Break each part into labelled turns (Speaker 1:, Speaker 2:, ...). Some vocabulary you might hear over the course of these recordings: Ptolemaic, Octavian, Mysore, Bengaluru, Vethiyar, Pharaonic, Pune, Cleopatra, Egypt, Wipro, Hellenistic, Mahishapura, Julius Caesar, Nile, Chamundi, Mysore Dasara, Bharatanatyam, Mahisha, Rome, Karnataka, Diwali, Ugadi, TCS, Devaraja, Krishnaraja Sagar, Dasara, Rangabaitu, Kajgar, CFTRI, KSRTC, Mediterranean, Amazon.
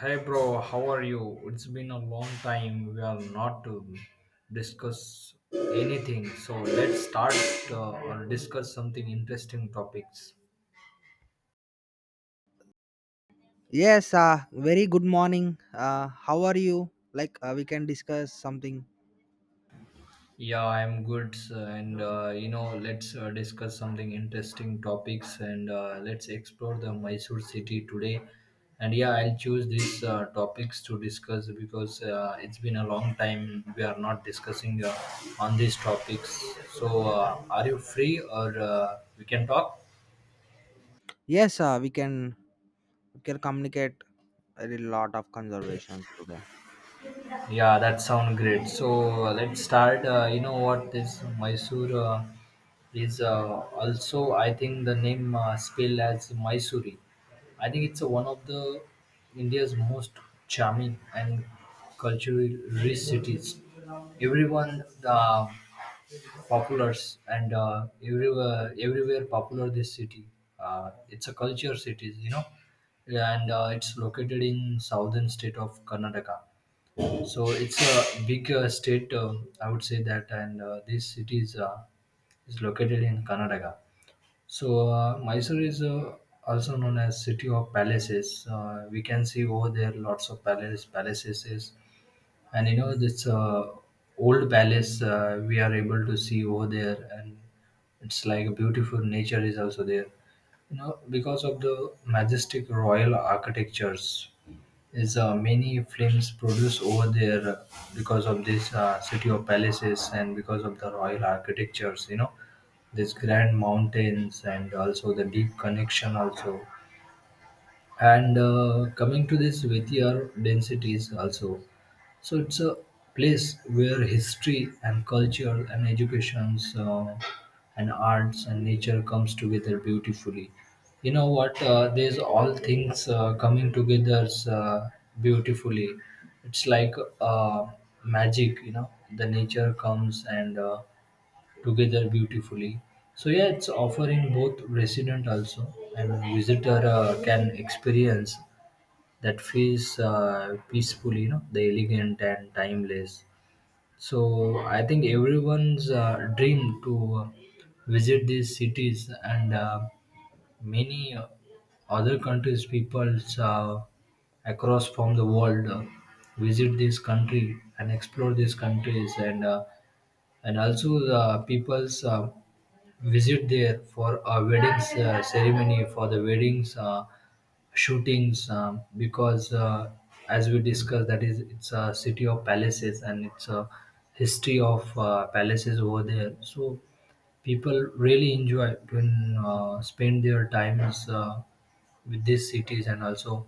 Speaker 1: Hey bro, how are you? It's been a long time. We are not to discuss anything. So let's start or discuss something interesting topics.
Speaker 2: Yes, very good morning. How are you? Like we can discuss something.
Speaker 1: Yeah, I'm good, sir. Let's discuss something interesting topics, and let's explore the Mysore city today. And yeah, I'll choose these topics to discuss because it's been a long time we are not discussing on these topics. So, are you free, or we can talk?
Speaker 2: Yes, we can communicate a lot of conservation today.
Speaker 1: Yeah, that sound great. So let's start. You know what? This Mysore is also, I think, the name spelled as Mysuri. I think it's one of the India's most charming and culturally rich cities. Everyone, populars and everywhere popular this city, it's a culture city, and it's located in southern state of karnataka. So it's a big state, I would say that, and this city is located in Karnataka. So Mysore is also known as city of palaces. We can see over there lots of palaces. Palaces is, and you know this old palace we are able to see over there, and it's like a beautiful nature is also there, because of the majestic royal architectures, is many films produced over there because of this city of palaces and because of the royal architectures, these grand mountains and also the deep connection also. And coming to this Vethiyar densities also, so it's a place where history and culture and educations and arts and nature comes together beautifully. You know what? There's all things coming together beautifully. It's like uh, magic, The nature comes and together beautifully. So yeah, it's offering both resident also and visitor can experience that feels peaceful, the elegant and timeless. So I think everyone's dream to visit these cities, and many other countries, peoples across from the world visit this country and explore these countries and also the peoples. Visit there for a weddings ceremony, for the weddings shootings, because as we discussed, that is it's a city of palaces and it's a history of palaces over there. So people really enjoy to spend their times with these cities, and also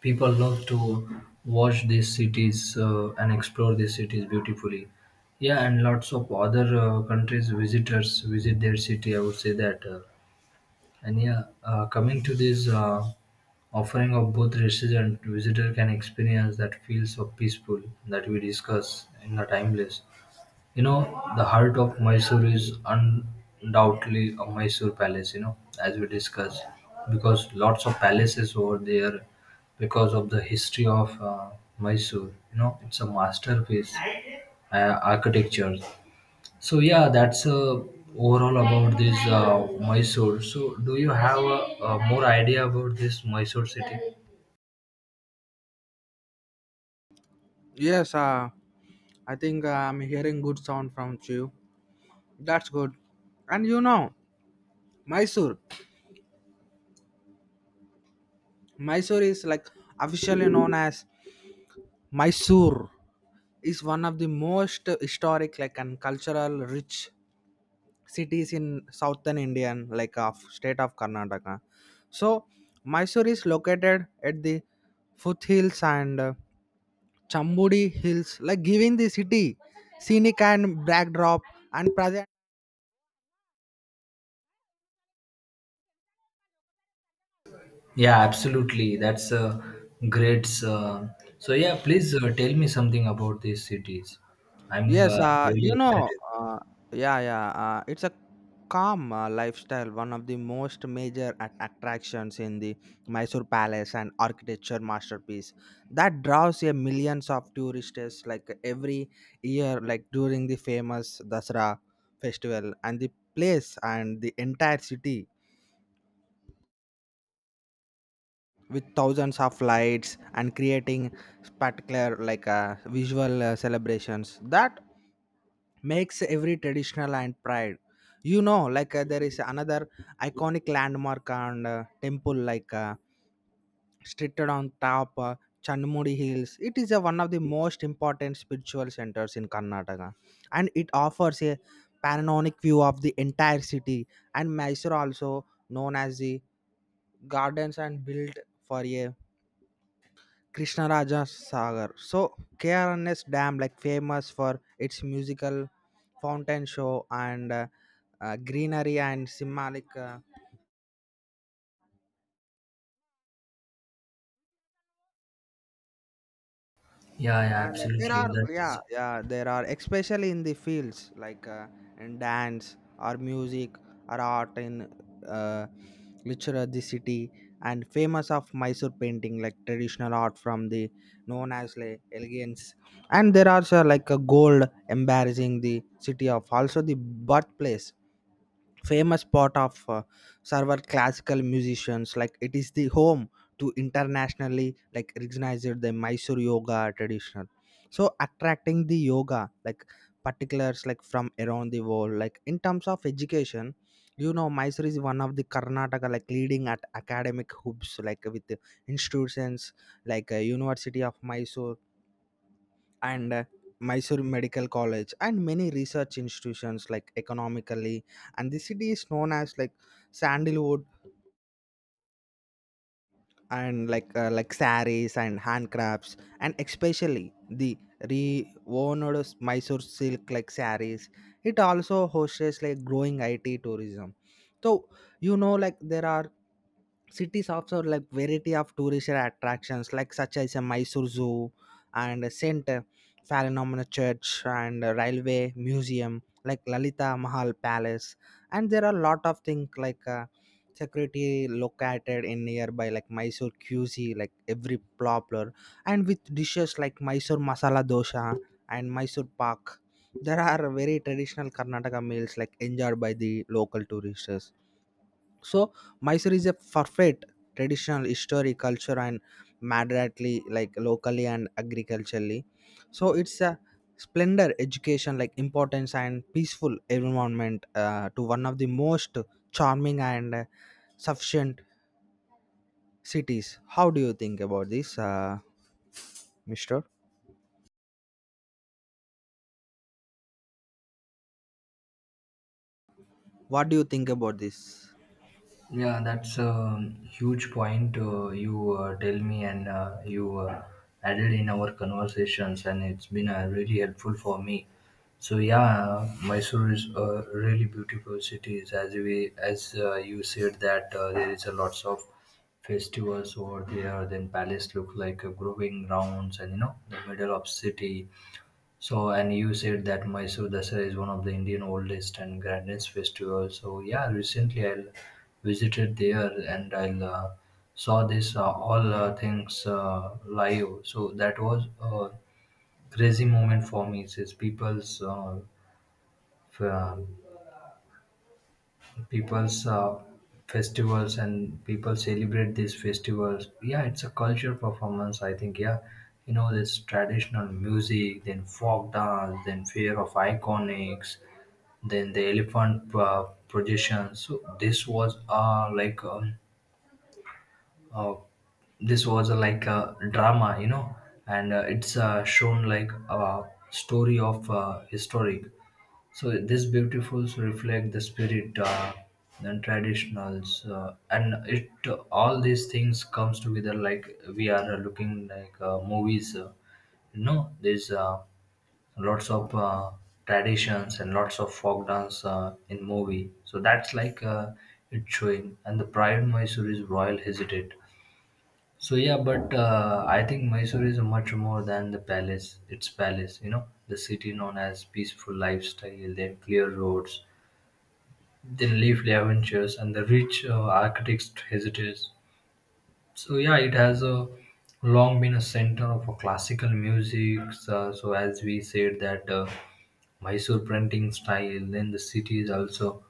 Speaker 1: people love to watch these cities and explore these cities beautifully. Yeah, and lots of other countries visitors visit their city. I would say that. And yeah, coming to this offering of both resident and visitor can experience that feels so peaceful, that we discuss in the timeless. You know, the heart of Mysore is undoubtedly a Mysore palace, you know, as we discussed, because lots of palaces over there because of the history of Mysore. You know, it's a masterpiece architecture. So yeah, that's overall about this Mysore. So do you have a more idea about this Mysore city?
Speaker 2: Yes, I think I'm hearing good sound from you. That's good. And you know, Mysore. Mysore is like officially known as Mysore is one of the most historic like and cultural rich cities in southern India and like of state of Karnataka. So Mysore is located at the foothills and Chambudi hills, like giving the city scenic and backdrop and present.
Speaker 1: Yeah, absolutely. That's a great. So yeah, please tell me something about these cities. I'm
Speaker 2: Yes,
Speaker 1: really excited.
Speaker 2: yeah, it's a calm lifestyle, one of the most major attractions in the Mysore Palace and architecture masterpiece that draws a millions of tourists like every year, like during the famous Dasara festival, and the place and the entire city with thousands of lights and creating spectacular like visual celebrations that makes every traditional and pride you know like there is another iconic landmark and temple like situated on top chanmudi hills. It is one of the most important spiritual centers in Karnataka, and it offers a panoramic view of the entire city. And Mysore also known as the gardens and built for a Krishnaraja Sagar. So KRNS Dam, like famous for its musical fountain show and greenery and symbolic.
Speaker 1: Yeah, yeah,
Speaker 2: And there
Speaker 1: absolutely.
Speaker 2: are yeah,
Speaker 1: That's
Speaker 2: yeah, there are especially in the fields like in dance or music or art in uh, literature of the city and famous of Mysore painting like traditional art from the known as like elegance. And there are so, like a gold embarrassing the city of also the birthplace famous spot of several classical musicians, like it is the home to internationally like recognized the Mysore yoga traditional so attracting the yoga like particulars like from around the world. Like in terms of education, you know, Mysore is one of the Karnataka like leading at academic hubs, like with the institutions like University of Mysore and Mysore Medical College and many research institutions. Like economically, and the city is known as like sandalwood and like saris and handcrafts and especially the rewound Mysore silk like saris. It also hosts like growing IT tourism. So you know, like there are cities also like variety of tourist attractions, like such as a Mysore Zoo and Saint Phalanomena Church and Railway Museum like Lalita Mahal Palace. And there are a lot of things like security located in nearby like Mysore QC like every popular and with dishes like Mysore Masala Dosa and Mysore Pak. There are very traditional Karnataka meals like enjoyed by the local tourists. So Mysore is a perfect traditional history, culture, and moderately like locally and agriculturally. So it's a splendor education like importance and peaceful environment to one of the most charming and sufficient cities. How do you think about this, Mister? What do you think about this?
Speaker 1: yeah, that's a huge point you tell me, and you added in our conversations, and it's been really helpful for me. So yeah, Mysore is a really beautiful city. As you said that there is a lots of festivals over there. Then palace look like a growing rounds, and you know the middle of city. So, and you said that Mysore Dasara is one of the Indian oldest and grandest festivals. So, yeah, recently I visited there, and I saw this all things live. So that was a crazy moment for me. Since f- uh, people's festivals and people celebrate these festivals, yeah, it's a culture performance, I think. Yeah, you know, this traditional music, then folk dance, then fear of iconics, then the elephant projection. So this was uh, this was like a drama, you know. And it's shown like a story of historic. So this beautifuls reflect the spirit and traditionals, and it all these things comes together like we are looking like movies. You know, there's lots of traditions and lots of folk dance in movie. So that's like it's showing, and the pride Mysore is royal hesitate. So yeah, but I think Mysore is much more than the palace. It's palace, you know, the city known as peaceful lifestyle, then clear roads, then leafy adventures, and the rich architect's heritage. So yeah, it has a long been a center of a classical music. So as we said that Mysore printing style, then the city is also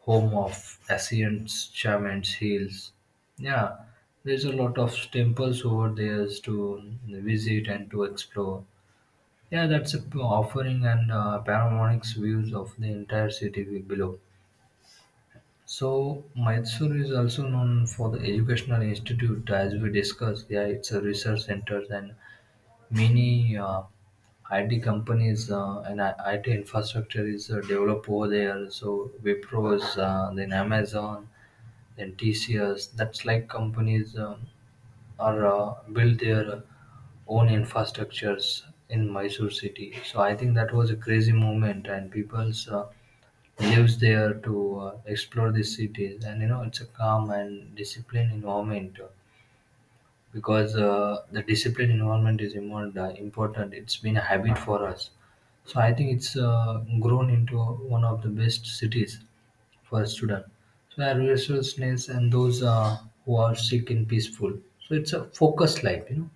Speaker 1: home of Asians, shamans, Hills. Yeah, there's a lot of temples over there to visit and to explore. Yeah, that's a offering and panoramic views of the entire city below. So Mysore is also known for the educational institute, as we discussed. Yeah, it's a research center and many IT companies IT infrastructure is developed over there. So Wipros, then Amazon, then TCS. That's like companies are build their own infrastructures in Mysore city. So I think that was a crazy movement, and people's lives there to explore these cities. And you know, it's a calm and disciplined environment, because the discipline involvement is involved, important. It's been a habit for us. So I think it's grown into one of the best cities for a student. So our resourcefulness and those who are sick and peaceful. So it's a focused life, you know.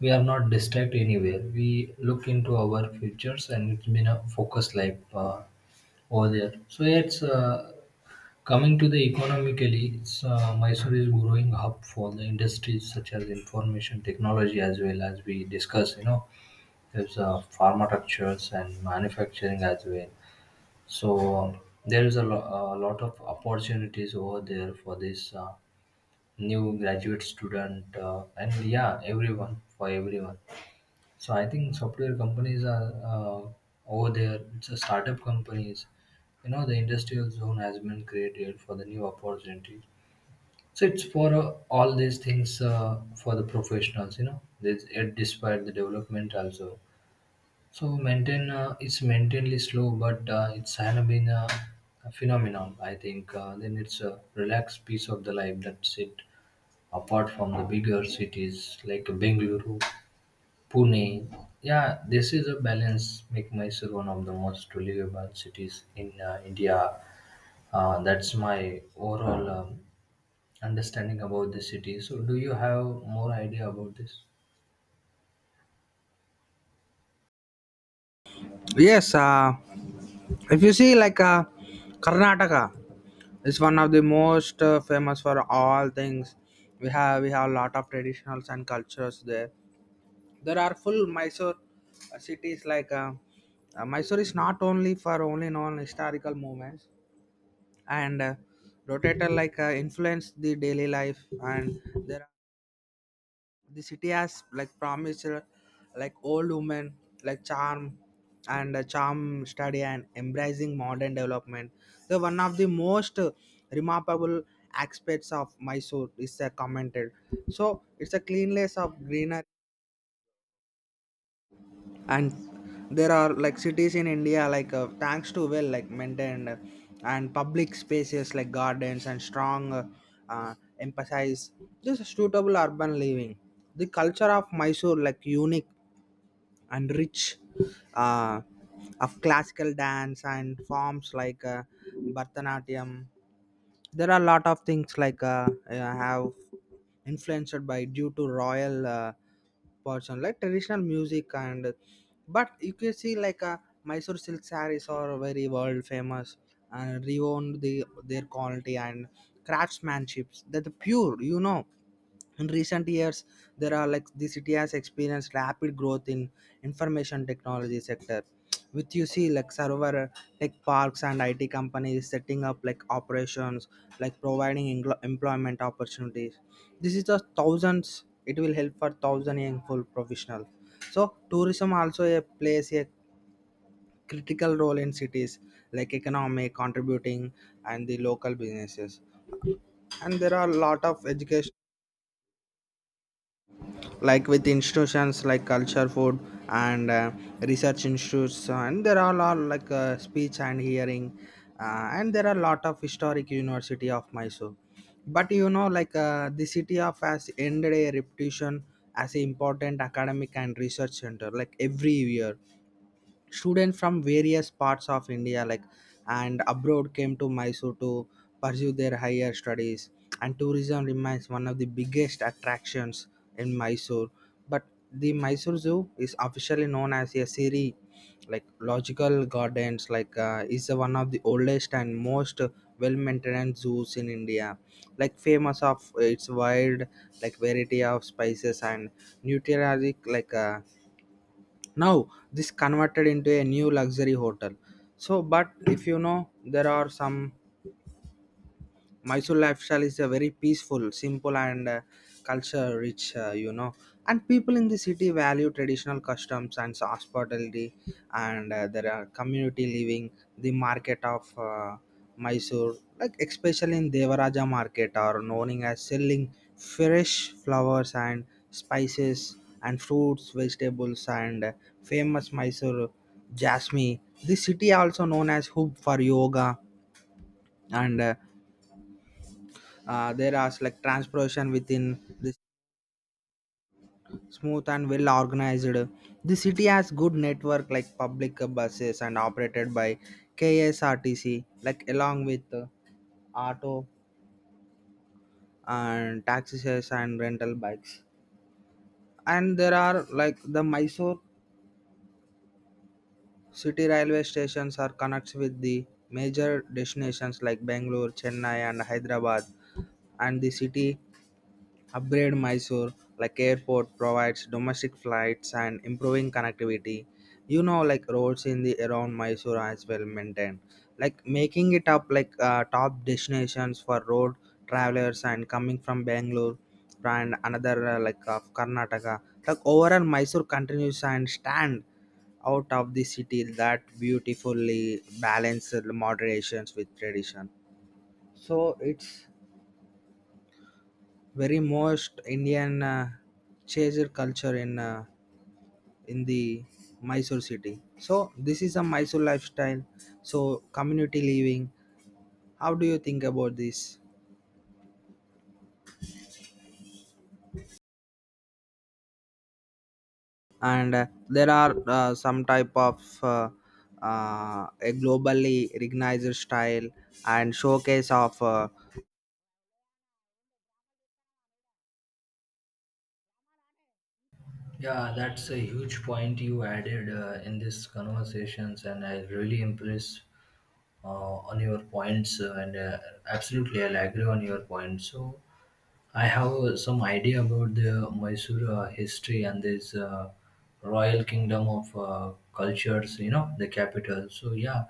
Speaker 1: We are not distracted anywhere. We look into our futures, and it's been a focused life over there. So it's coming to the economically, it's, Mysore is growing up for the industries such as information technology as well, as we discuss. You know, there's pharmaceuticals and manufacturing as well. So there is a, lo- a lot of opportunities over there for this new graduate student, and yeah, everyone for everyone. So I think software companies are over there. It's a startup companies. You know, the industrial zone has been created for the new opportunity. So it's for all these things for the professionals, you know. There's yet despite the development also. So maintain it's maintainedly slow, but it's has been a phenomenon. I think then it's a relaxed piece of the life, that's it. Apart from the bigger cities like Bengaluru, Pune, yeah, this is a balance. Make Mysore one of the most livable cities in India. That's my overall understanding about the city. So, do you have more idea about this?
Speaker 2: Yes, if you see like Karnataka. It's one of the most famous for all things. We have a lot of traditionals and cultures there. There are full Mysore cities like Mysore is not only for only known historical movements and rotator like influence the daily life. And there the city has like promised like old women like charm and charm study and embracing modern development. So one of the most remarkable aspects of Mysore is commented. So it's a cleanliness of greenery, and there are like cities in India like thanks to well like maintained and public spaces like gardens and strong uh, emphasize this suitable urban living. The culture of Mysore like unique and rich uh, of classical dance and forms like Bharatanatyam. There are a lot of things like have influenced by due to royal portion like traditional music. And but you can see like a Mysore silk sarees are very world famous and renowned the their quality and craftsmanships that the pure, you know. In recent years, there are like the city has experienced rapid growth in information technology sector, with you see like server like parks and IT companies setting up like operations, like providing employment opportunities. This is the thousands, it will help for thousand young full professionals. So tourism also a, plays a critical role in cities like economic contributing and the local businesses, and there are a lot of education like with institutions like culture food and research institutes. So, and there are all like speech and hearing and there are a lot of historic University of Mysore. But you know like the city of has ended a reputation as an important academic and research center. Like every year students from various parts of India, like and abroad, came to Mysore to pursue their higher studies. And tourism remains one of the biggest attractions in Mysore. But the Mysore Zoo is officially known as a Siri, like logical gardens, like is one of the oldest and most well-maintained zoos in India. Like famous of its wide like variety of spices and nutriotic like. Now this converted into a new luxury hotel. So but if you know, there are some Mysore lifestyle is a very peaceful, simple, and culture rich, you know. And people in the city value traditional customs and hospitality, and there are community living, the market of Mysore, like especially in Devaraja market, are known as selling fresh flowers and spices and fruits, vegetables, and famous Mysore jasmine. The city also known as hub for yoga and there are like transportation within this smooth and well organized. The city has good network like public buses and operated by KSRTC, like along with auto and taxis and rental bikes. And there are like the Mysore city railway stations are connects with the major destinations like Bangalore, Chennai and Hyderabad. And the city Upgrade Mysore like airport provides domestic flights and improving connectivity. You know, like roads in the around Mysore are as well maintained, like making it up like top destinations for road travelers and coming from Bangalore and another like of Karnataka. Like overall, Mysore continues and stand out of the city that beautifully balances moderations with tradition. So it's very most Indian chaser culture in the Mysore city. So this is a Mysore lifestyle. So community living. How do you think about this? And there are some type of a globally recognized style and showcase of
Speaker 1: Yeah, that's a huge point you added in these conversations, and I really impressed uh, on your points. And absolutely, I'll agree on your points. So, I have some idea about the Mysore history and this royal kingdom of cultures, you know, the capital. So yeah,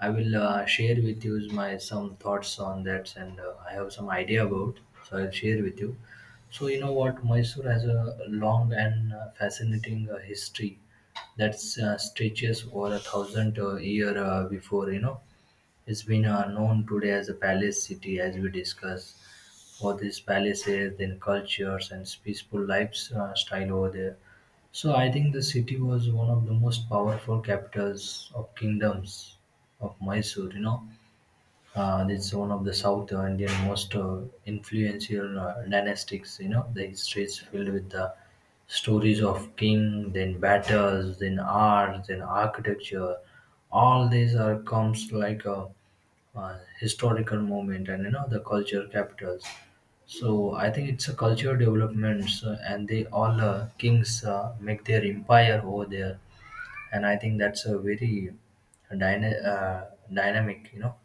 Speaker 1: I will share with you my some thoughts on that, and I have some idea about. So I'll share with you. So you know what, Mysore has a long and fascinating history that stretches over a thousand year before. You know, it's been known today as a palace city, as we discussed, for these palaces, then cultures, and peaceful lifestyle over there. So I think the city was one of the most powerful capitals of kingdoms of Mysore. You know, it's one of the South Indian most influential dynastics. You know, the history is filled with the stories of king, then battles, then art, then architecture. All these are comes like a historical moment, and you know the culture capitals. So I think it's a culture developments, and they all kings make their empire over there. And I think that's a very dynamic, you know,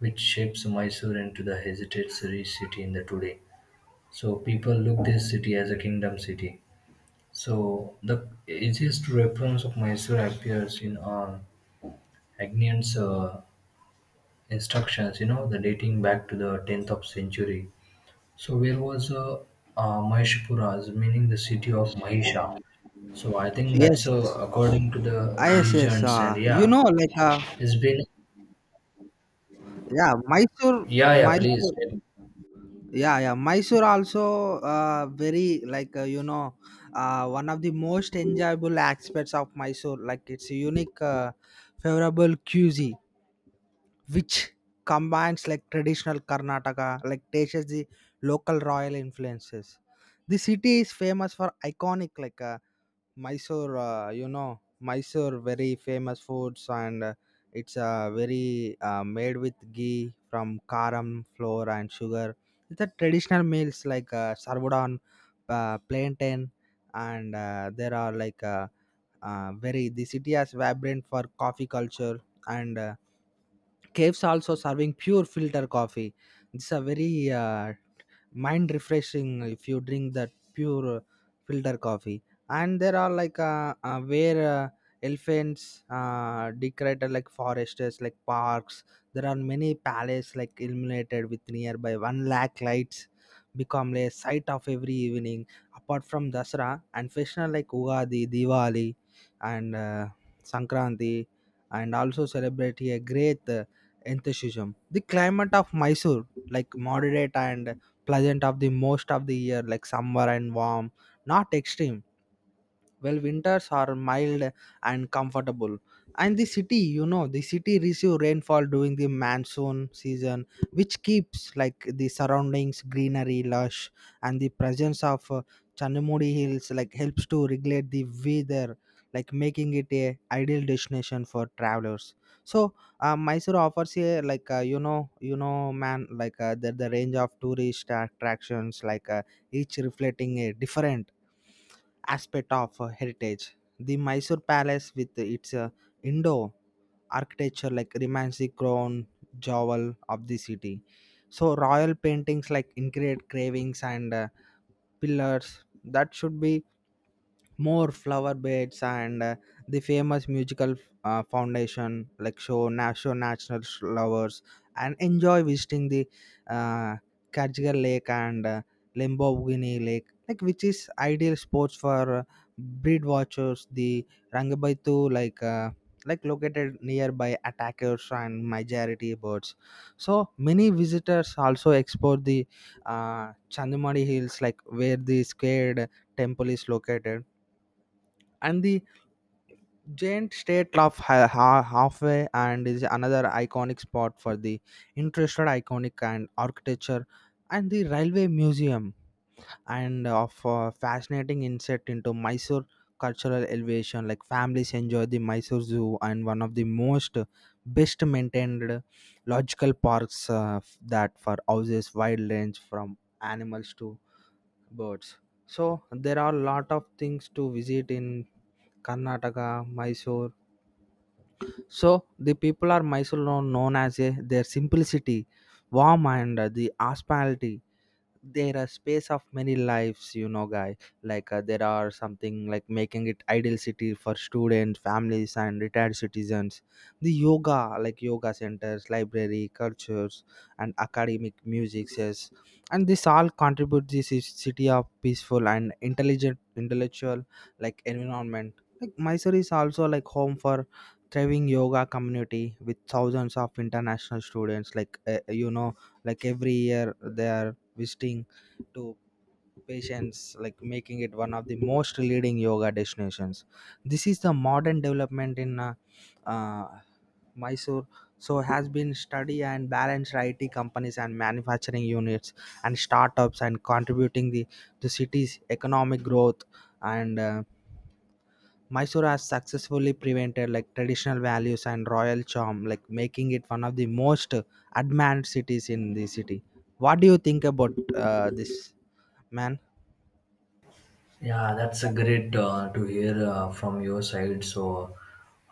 Speaker 1: which shapes Mysore into the heritage city in the today. So people look this city as a kingdom city. So the easiest reference of Mysore appears in Agnian's instructions, you know, the dating back to the 10th of century. So where was Mahishapura's, meaning the city of Mahisha. So I think that's
Speaker 2: yes.
Speaker 1: according to the
Speaker 2: Ah, yes, yes.
Speaker 1: legends. And
Speaker 2: You
Speaker 1: yeah,
Speaker 2: know, like
Speaker 1: it's been
Speaker 2: yeah, Mysore,
Speaker 1: yeah, yeah, please.
Speaker 2: Mysore. Yeah, yeah. Mysore also very like you know one of the most enjoyable aspects of Mysore. Like it's unique, favorable cuisine which combines like traditional Karnataka, like tastes the local royal influences. The city is famous for iconic like Mysore, you know, Mysore very famous foods. And it's very made with ghee from karam flour and sugar. It's a traditional meals like served on plantain. And there are like very the city has vibrant for coffee culture and caves also serving pure filter coffee. It's a very mind refreshing if you drink that pure filter coffee. And there are like where elephants decorated like forests like parks. There are many palaces like illuminated with nearby one lakh lights become a sight of every evening. Apart from Dasra and festival like Ugadi, Diwali and Sankranti and also celebrate a great enthusiasm. The climate of Mysore like moderate and pleasant of the most of the year, like summer and warm, not extreme, well winters are mild and comfortable. And the city, you know, the city receive rainfall during the monsoon season, which keeps like the surroundings greenery lush. And the presence of Chanamudi hills like helps to regulate the weather, like making it a ideal destination for travelers. So Mysore offers a like you know, you know, man, like the range of tourist attractions like each reflecting a different aspect of heritage. The Mysore Palace, with its Indo architecture, like remains the crown jewel of the city. So, royal paintings like intricate cravings and pillars that should be more flower beds and the famous musical foundation like show national flowers and enjoy visiting the uh, Kajgar Lake and Lamborghini Lake, like which is ideal sports for breed watchers. The Rangabaitu like located nearby attackers and majority birds. So many visitors also explore the Chandamani Hills, like where the squared temple is located. And the giant statue of halfway and is another iconic spot for the interested iconic and architecture. And the railway museum and of fascinating insight into Mysore cultural elevation. Like families enjoy the Mysore Zoo and one of the most best maintained logical parks that for houses wide range from animals to birds. So there are a lot of things to visit in Karnataka, Mysore. So the people are Mysore known as a, their simplicity, warm and the hospitality. There are space of many lives, you know, guy like there are something like making it ideal city for students, families and retired citizens. The yoga like yoga centers, library cultures and academic music says, and this all contribute this is city of peaceful and intelligent intellectual like environment. Like Mysore is also like home for thriving yoga community with thousands of international students like you know, like every year there visiting to patients, like making it one of the most leading yoga destinations. This is the modern development in uh, Mysore. So has been study and balanced IT companies and manufacturing units and startups and contributing the to city's economic growth. And Mysore has successfully prevented like traditional values and royal charm, like making it one of the most admired cities in the city. What do you think about this, man?
Speaker 1: Yeah, that's a great to hear from your side. So,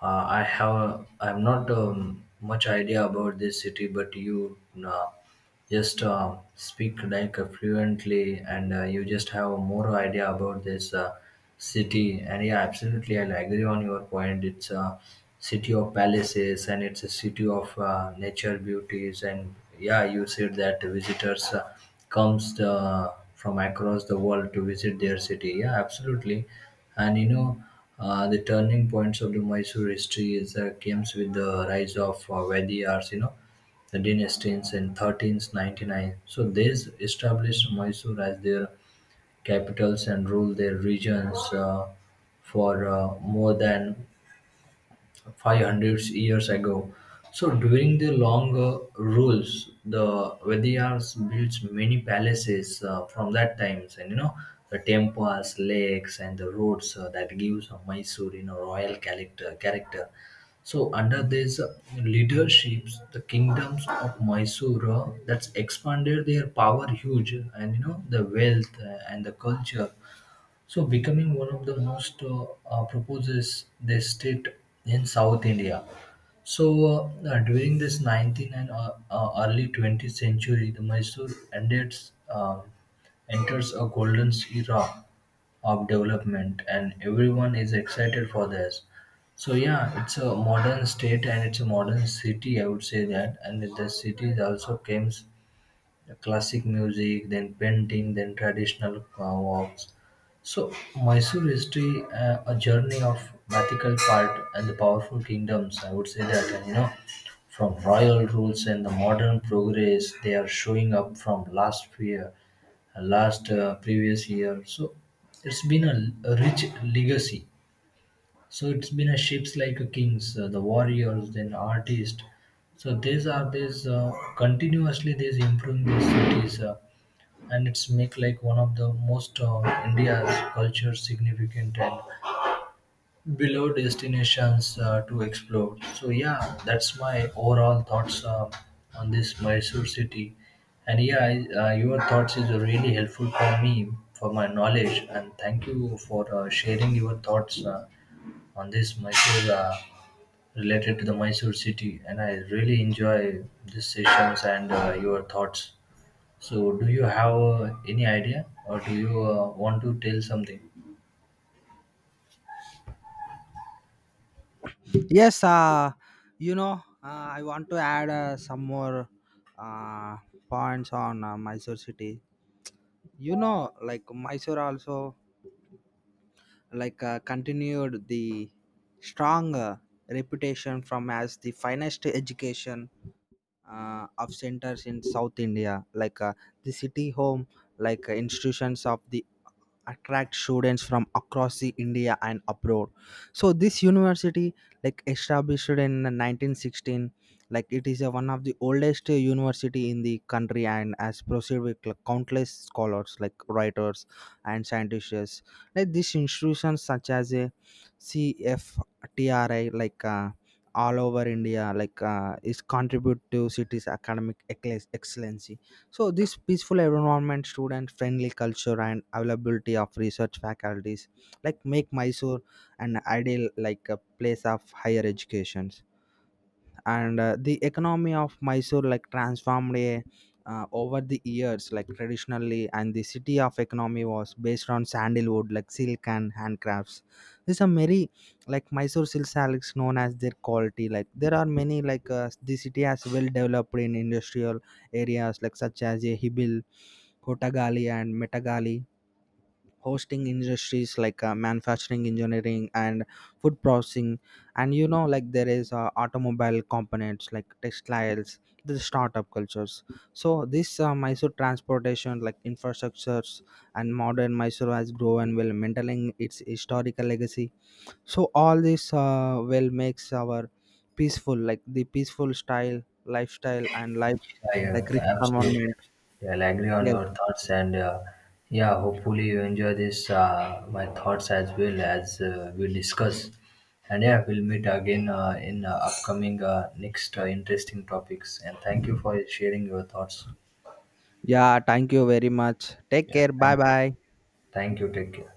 Speaker 1: I'm not much idea about this city, but you uh, just speak like fluently, and you just have more idea about this city. And yeah, absolutely, I agree on your point. It's a city of palaces, and it's a city of nature beauties, and yeah, you said that visitors. Comes the, from across the world to visit their city. Yeah, absolutely. And you know, the turning points of the Mysore history is comes with the rise of Vaidyars, you know, the dynasties in 1399. So they established Mysore as their capitals and ruled their regions for more than 500 years ago. So during the longer rules, the Vaidyas built many palaces from that times, and you know the temples, lakes, and the roads that gives a Mysore, you know, royal character. Character. So under this leaderships, the kingdoms of Mysore that's expanded their power huge, and you know the wealth and the culture, so becoming one of the most proposes the state in South India. So during this 19th and early 20th century, the Mysore enters, uh, enters a golden era of development, and everyone is excited for this. So yeah, it's a modern state, and it's a modern city. I would say that, and the city also comes classic music, then painting, then traditional walks. So Mysore history, a journey of mythical part and the powerful kingdoms. I would say that, and you know, from royal rules and the modern progress, they are showing up from last year, last previous year. So it's been a rich legacy. So it's been a ships like a kings, the warriors, then artists. So these are these continuously these improving these cities, and it's make like one of the most India's culture significant and below destinations to explore. So yeah, that's my overall thoughts on this Mysore city. And yeah, your thoughts is really helpful for me for my knowledge, and thank you for sharing your thoughts. On this Mysore related to the Mysore city, and I really enjoy these sessions and your thoughts. So, do you have any idea, or do you want to tell something?
Speaker 2: Yes, you know, I want to add some more uh, points on Mysore city. You know, like Mysore also like continued the strong reputation from as the finest education of centers in South India, like the city home, like institutions of the attract students from across the India and abroad. So this university like established in 1916, like it is a, one of the oldest university in the country and has proceeded with like, countless scholars like writers and scientists. Like these institutions such as a CFTRI like all over India like is contribute to city's academic excellency. So this peaceful environment, student friendly culture and availability of research faculties like make Mysore an ideal like a place of higher education. And the economy of Mysore like transformed a, over the years, like traditionally, and the city of economy was based on sandalwood like silk and handcrafts. These are many like Mysore silk silks known as their quality. Like there are many like the city has well developed in industrial areas like such as a Hibil, Kotagali and Metagali hosting industries like manufacturing engineering and food processing. And you know like there is automobile components like textiles, the startup cultures. So this Mysore transportation like infrastructures, and modern Mysore has grown while maintaining its historical legacy. So all this well makes our peaceful like the peaceful style lifestyle and life
Speaker 1: I
Speaker 2: like rich
Speaker 1: absolutely,
Speaker 2: environment.
Speaker 1: yeah, I'll agree on
Speaker 2: Yes,
Speaker 1: your thoughts, and yeah, hopefully you enjoy this my thoughts as well as we discuss, and yeah, we'll meet again in upcoming next interesting topics. And thank you for sharing your thoughts.
Speaker 2: yeah, thank you very much, take
Speaker 1: Yeah,
Speaker 2: care, bye bye.
Speaker 1: thank you, take care.